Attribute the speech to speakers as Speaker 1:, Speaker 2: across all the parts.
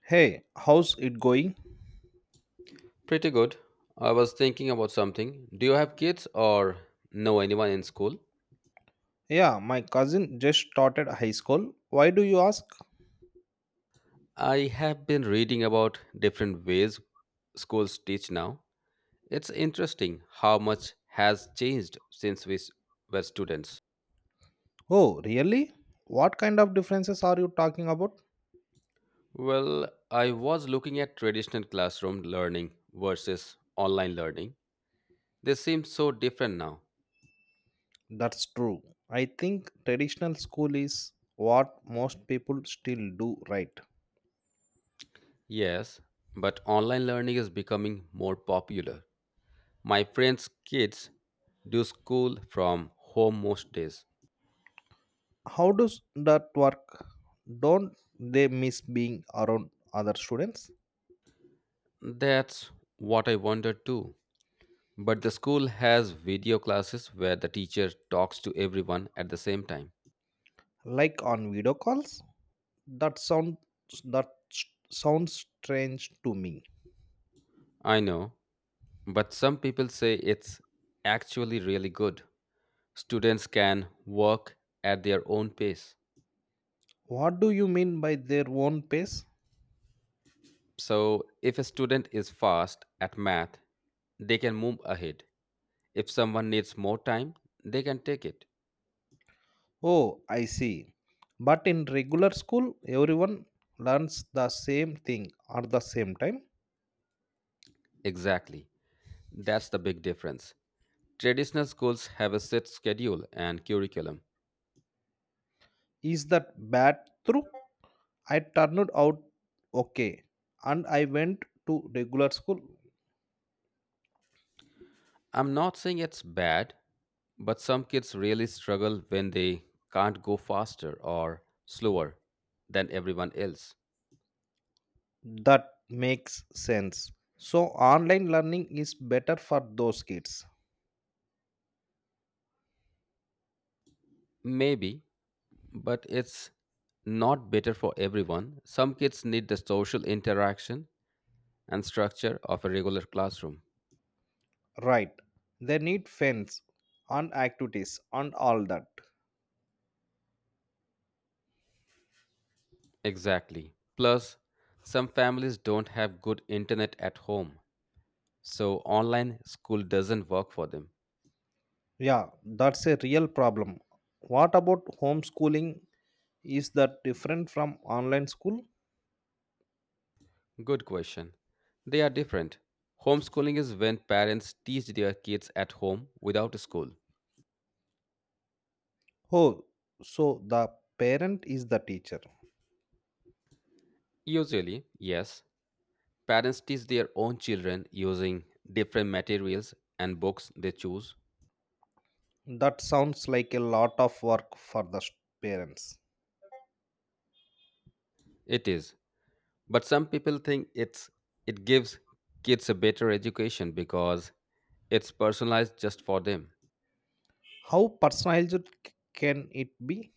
Speaker 1: Hey, how's it going?
Speaker 2: Pretty good. I was thinking about something. Do you have kids or know anyone in school?
Speaker 1: Yeah, my cousin just started high school. Why do you ask?
Speaker 2: I have been reading about different ways schools teach now. It's interesting how much has changed since were students.
Speaker 1: Oh, really? What kind of differences are you talking about?
Speaker 2: Well, I was looking at traditional classroom learning versus online learning. They seem so different now.
Speaker 1: That's true. I think traditional school is what most people still do, right?
Speaker 2: Yes, but online learning is becoming more popular. My friends' kids do school from home most days.
Speaker 1: How does that work? Don't they miss being around other students?
Speaker 2: That's what I wonder too. But the school has video classes where the teacher talks to everyone at the same time.
Speaker 1: Like on video calls? That sounds, that sounds strange to me.
Speaker 2: I know, but some people say it's actually really good. Students can work at their own pace.
Speaker 1: What do you mean by their own pace?
Speaker 2: So, if a student is fast at math, they can move ahead. If someone needs more time, they can take it.
Speaker 1: Oh, I see. But in regular school, everyone learns the same thing at the same time.
Speaker 2: Exactly. That's the big difference. Traditional schools have a set schedule and curriculum.
Speaker 1: Is that bad? Through I turned out okay, and I went to regular school.
Speaker 2: I'm not saying it's bad, but some kids really struggle when they can't go faster or slower than everyone else.
Speaker 1: That makes sense. So online learning is better for those kids,
Speaker 2: Maybe, but it's not better for everyone. Some kids need the social interaction and structure of a regular classroom.
Speaker 1: right? They need friends and activities and all that.
Speaker 2: Exactly. Plus, some families don't have good internet at home, so online school doesn't work for them.
Speaker 1: Yeah, that's a real problem. What about homeschooling? Is that different from online school?
Speaker 2: Good question. They are different. Homeschooling is when parents teach their kids at home without school.
Speaker 1: Oh, so the parent is the teacher.
Speaker 2: Usually, yes, parents teach their own children using different materials and books they choose.
Speaker 1: That sounds like a lot of work for the parents.
Speaker 2: It is. But some people think it gives kids a better education because it's personalized just for them.
Speaker 1: How personalized can it be?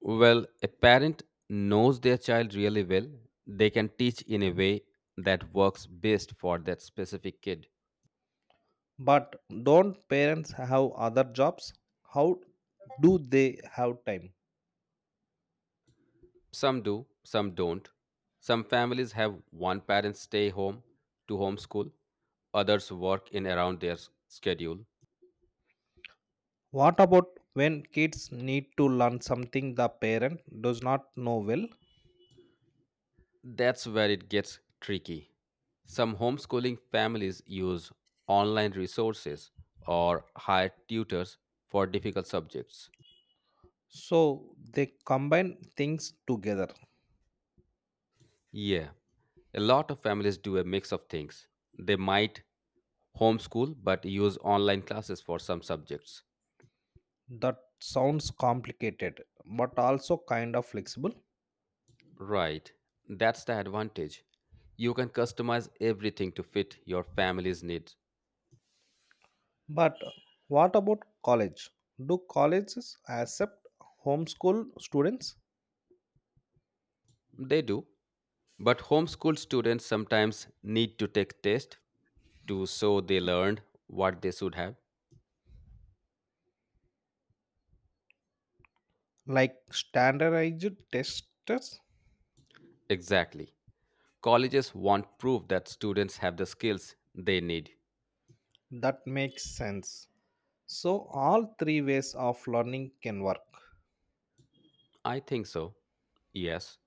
Speaker 2: Well, a parent knows their child really well. They can teach in a way that works best for that specific kid.
Speaker 1: But don't parents have other jobs? How do they have time?
Speaker 2: Some do, some don't. Some families have one parent stay home to homeschool, others work in around their schedule.
Speaker 1: What about when kids need to learn something the parent does not know well?
Speaker 2: That's where it gets tricky. Some homeschooling families use online resources or hire tutors for difficult subjects.
Speaker 1: So they combine things together.
Speaker 2: Yeah, a lot of families do a mix of things. They might homeschool but use online classes for some subjects.
Speaker 1: That sounds complicated, but also kind of flexible.
Speaker 2: Right. That's the advantage. You can customize everything to fit your family's needs.
Speaker 1: But what about college? Do colleges accept homeschool students,
Speaker 2: They do. But homeschool students sometimes need to take tests to show they learned what they should have.
Speaker 1: like standardized tests?
Speaker 2: Exactly. Colleges want proof that students have the skills they need.
Speaker 1: That makes sense. So, all three ways of learning can work.
Speaker 2: I think so. Yes.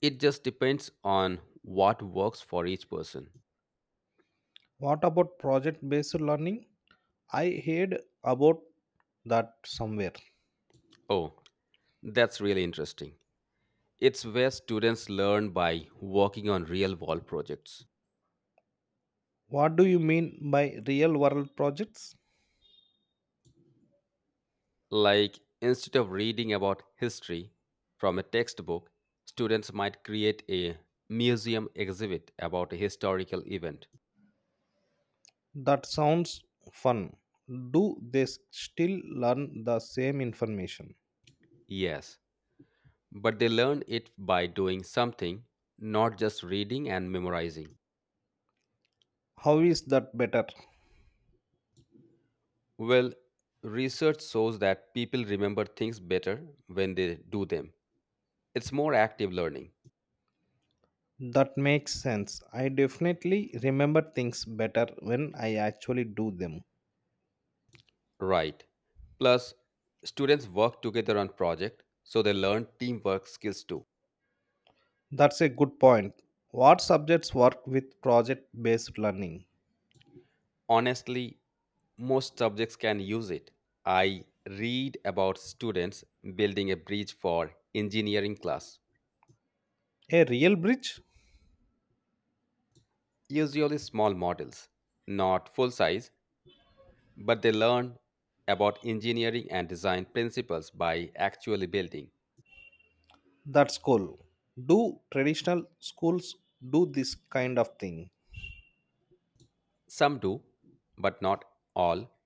Speaker 2: It just depends on what works for each person.
Speaker 1: What about project based learning? I heard about that somewhere.
Speaker 2: Oh, that's really interesting. It's where students learn by working on real world projects.
Speaker 1: What do you mean by real world projects?
Speaker 2: Like, instead of reading about history from a textbook, students might create a museum exhibit about a historical event.
Speaker 1: That sounds fun. Do they still learn the same information?
Speaker 2: Yes, but they learn it by doing something, not just reading and memorizing.
Speaker 1: How is that better?
Speaker 2: Well, research shows that people remember things better when they do them. It's more active learning.
Speaker 1: That makes sense. I definitely remember things better when I actually do them.
Speaker 2: Right. Plus, students work together on project, so they learn teamwork skills too.
Speaker 1: That's a good point. What subjects work with project based learning?
Speaker 2: Honestly, most subjects can use it. I read about students building a bridge for engineering class,
Speaker 1: A real bridge?
Speaker 2: usually small models, not full size, but they learn about engineering and design principles by actually building.
Speaker 1: That's cool. Do traditional schools do this kind of thing?
Speaker 2: Some do, but not all.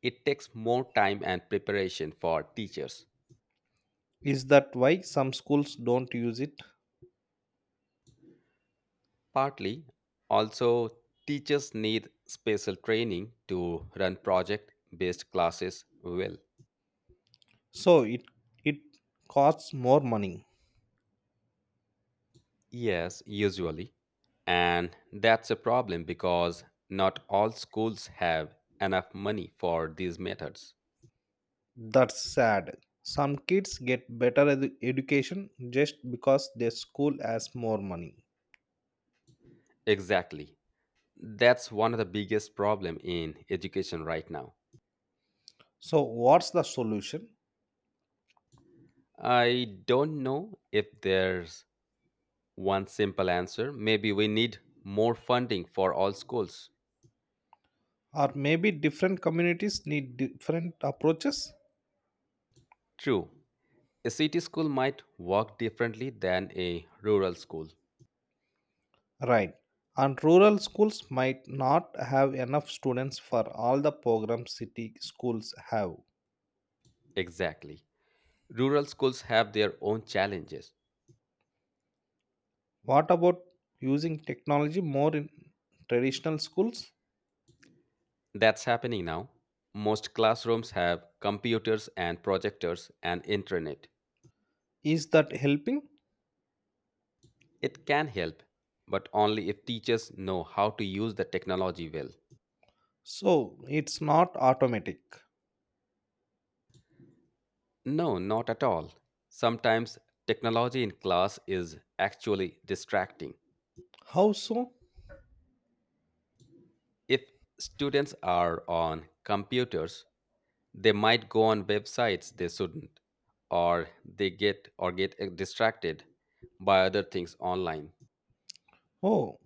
Speaker 2: It takes more time and preparation for teachers.
Speaker 1: Is that why some schools don't use it?
Speaker 2: Partly, also, teachers need special training to run project based classes well.
Speaker 1: So it costs more money.
Speaker 2: Yes, usually. And that's a problem because not all schools have enough money for these methods.
Speaker 1: That's sad. Some kids get better education just because their school has more money.
Speaker 2: Exactly. That's one of the biggest problem in education right now.
Speaker 1: So, what's the solution?
Speaker 2: I don't know if there's one simple answer. Maybe we need more funding for all schools.
Speaker 1: Or maybe different communities need different approaches?
Speaker 2: True. A city school might work differently than a rural school.
Speaker 1: Right. And rural schools might not have enough students for all the programs city schools have.
Speaker 2: Exactly. Rural schools have their own challenges.
Speaker 1: What about using technology more in traditional schools?
Speaker 2: That's happening now. Most classrooms have computers and projectors and intranet.
Speaker 1: Is that helping?
Speaker 2: It can help, but only if teachers know how to use the technology well.
Speaker 1: So, it's not automatic.
Speaker 2: No, not at all. Sometimes technology in class is actually distracting.
Speaker 1: How so?
Speaker 2: If students are on computers, they might go on websites they shouldn't, or they get distracted by other things online.
Speaker 1: Oh,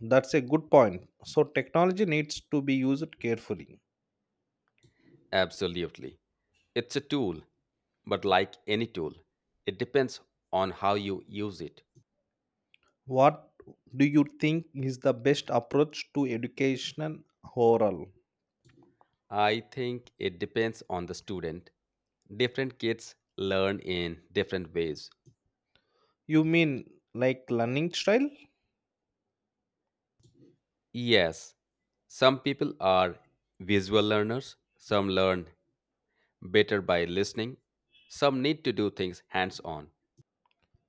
Speaker 1: that's a good point. So, technology needs to be used carefully.
Speaker 2: Absolutely. It's a tool, but like any tool, it depends on how you use it.
Speaker 1: What do you think is the best approach to education overall?
Speaker 2: I think it depends on the student. Different kids learn in different ways.
Speaker 1: You mean like learning style?
Speaker 2: Yes, some people are visual learners, some learn better by listening, some need to do things hands on.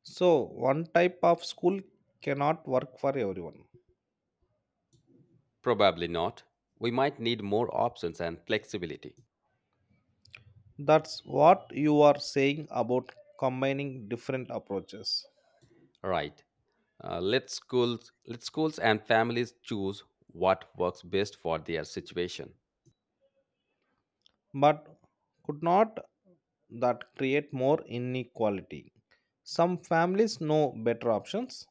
Speaker 1: So, one type of school cannot work for everyone.
Speaker 2: Probably not. We might need more options and flexibility.
Speaker 1: That's what you are saying about combining different approaches.
Speaker 2: Right. Let schools and families choose what works best for their situation.
Speaker 1: But could not that create more inequality? Some families know better options.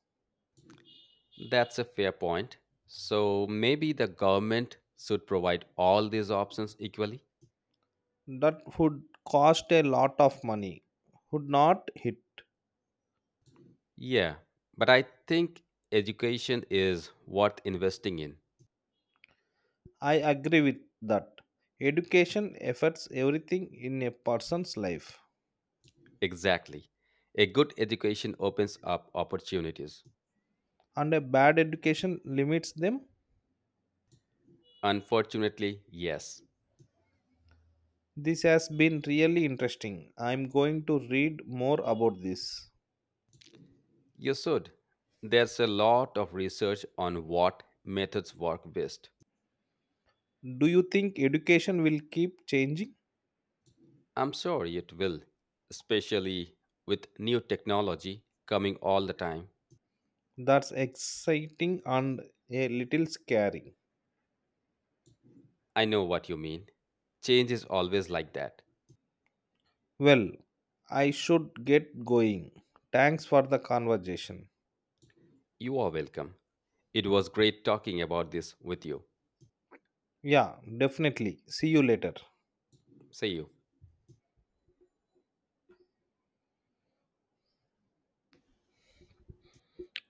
Speaker 2: That's a fair point. So maybe the government should provide all these options equally.
Speaker 1: That would cost a lot of money, would not hit.
Speaker 2: Yeah, but I think education is worth investing in.
Speaker 1: I agree with that. Education affects everything in a person's life,
Speaker 2: Exactly. A good education opens up opportunities.
Speaker 1: and a bad education limits them.
Speaker 2: Unfortunately, yes.
Speaker 1: This has been really interesting. I'm going to read more about this.
Speaker 2: You should. There's a lot of research on what methods work best.
Speaker 1: Do you think education will keep changing?
Speaker 2: I'm sure it will, especially with new technology coming all the time.
Speaker 1: That's exciting and a little scary.
Speaker 2: I know what you mean. Change is always like that.
Speaker 1: Well, I should get going. Thanks for the conversation.
Speaker 2: You are welcome. It was great talking about this with you.
Speaker 1: Yeah, definitely. See you later.
Speaker 2: See you.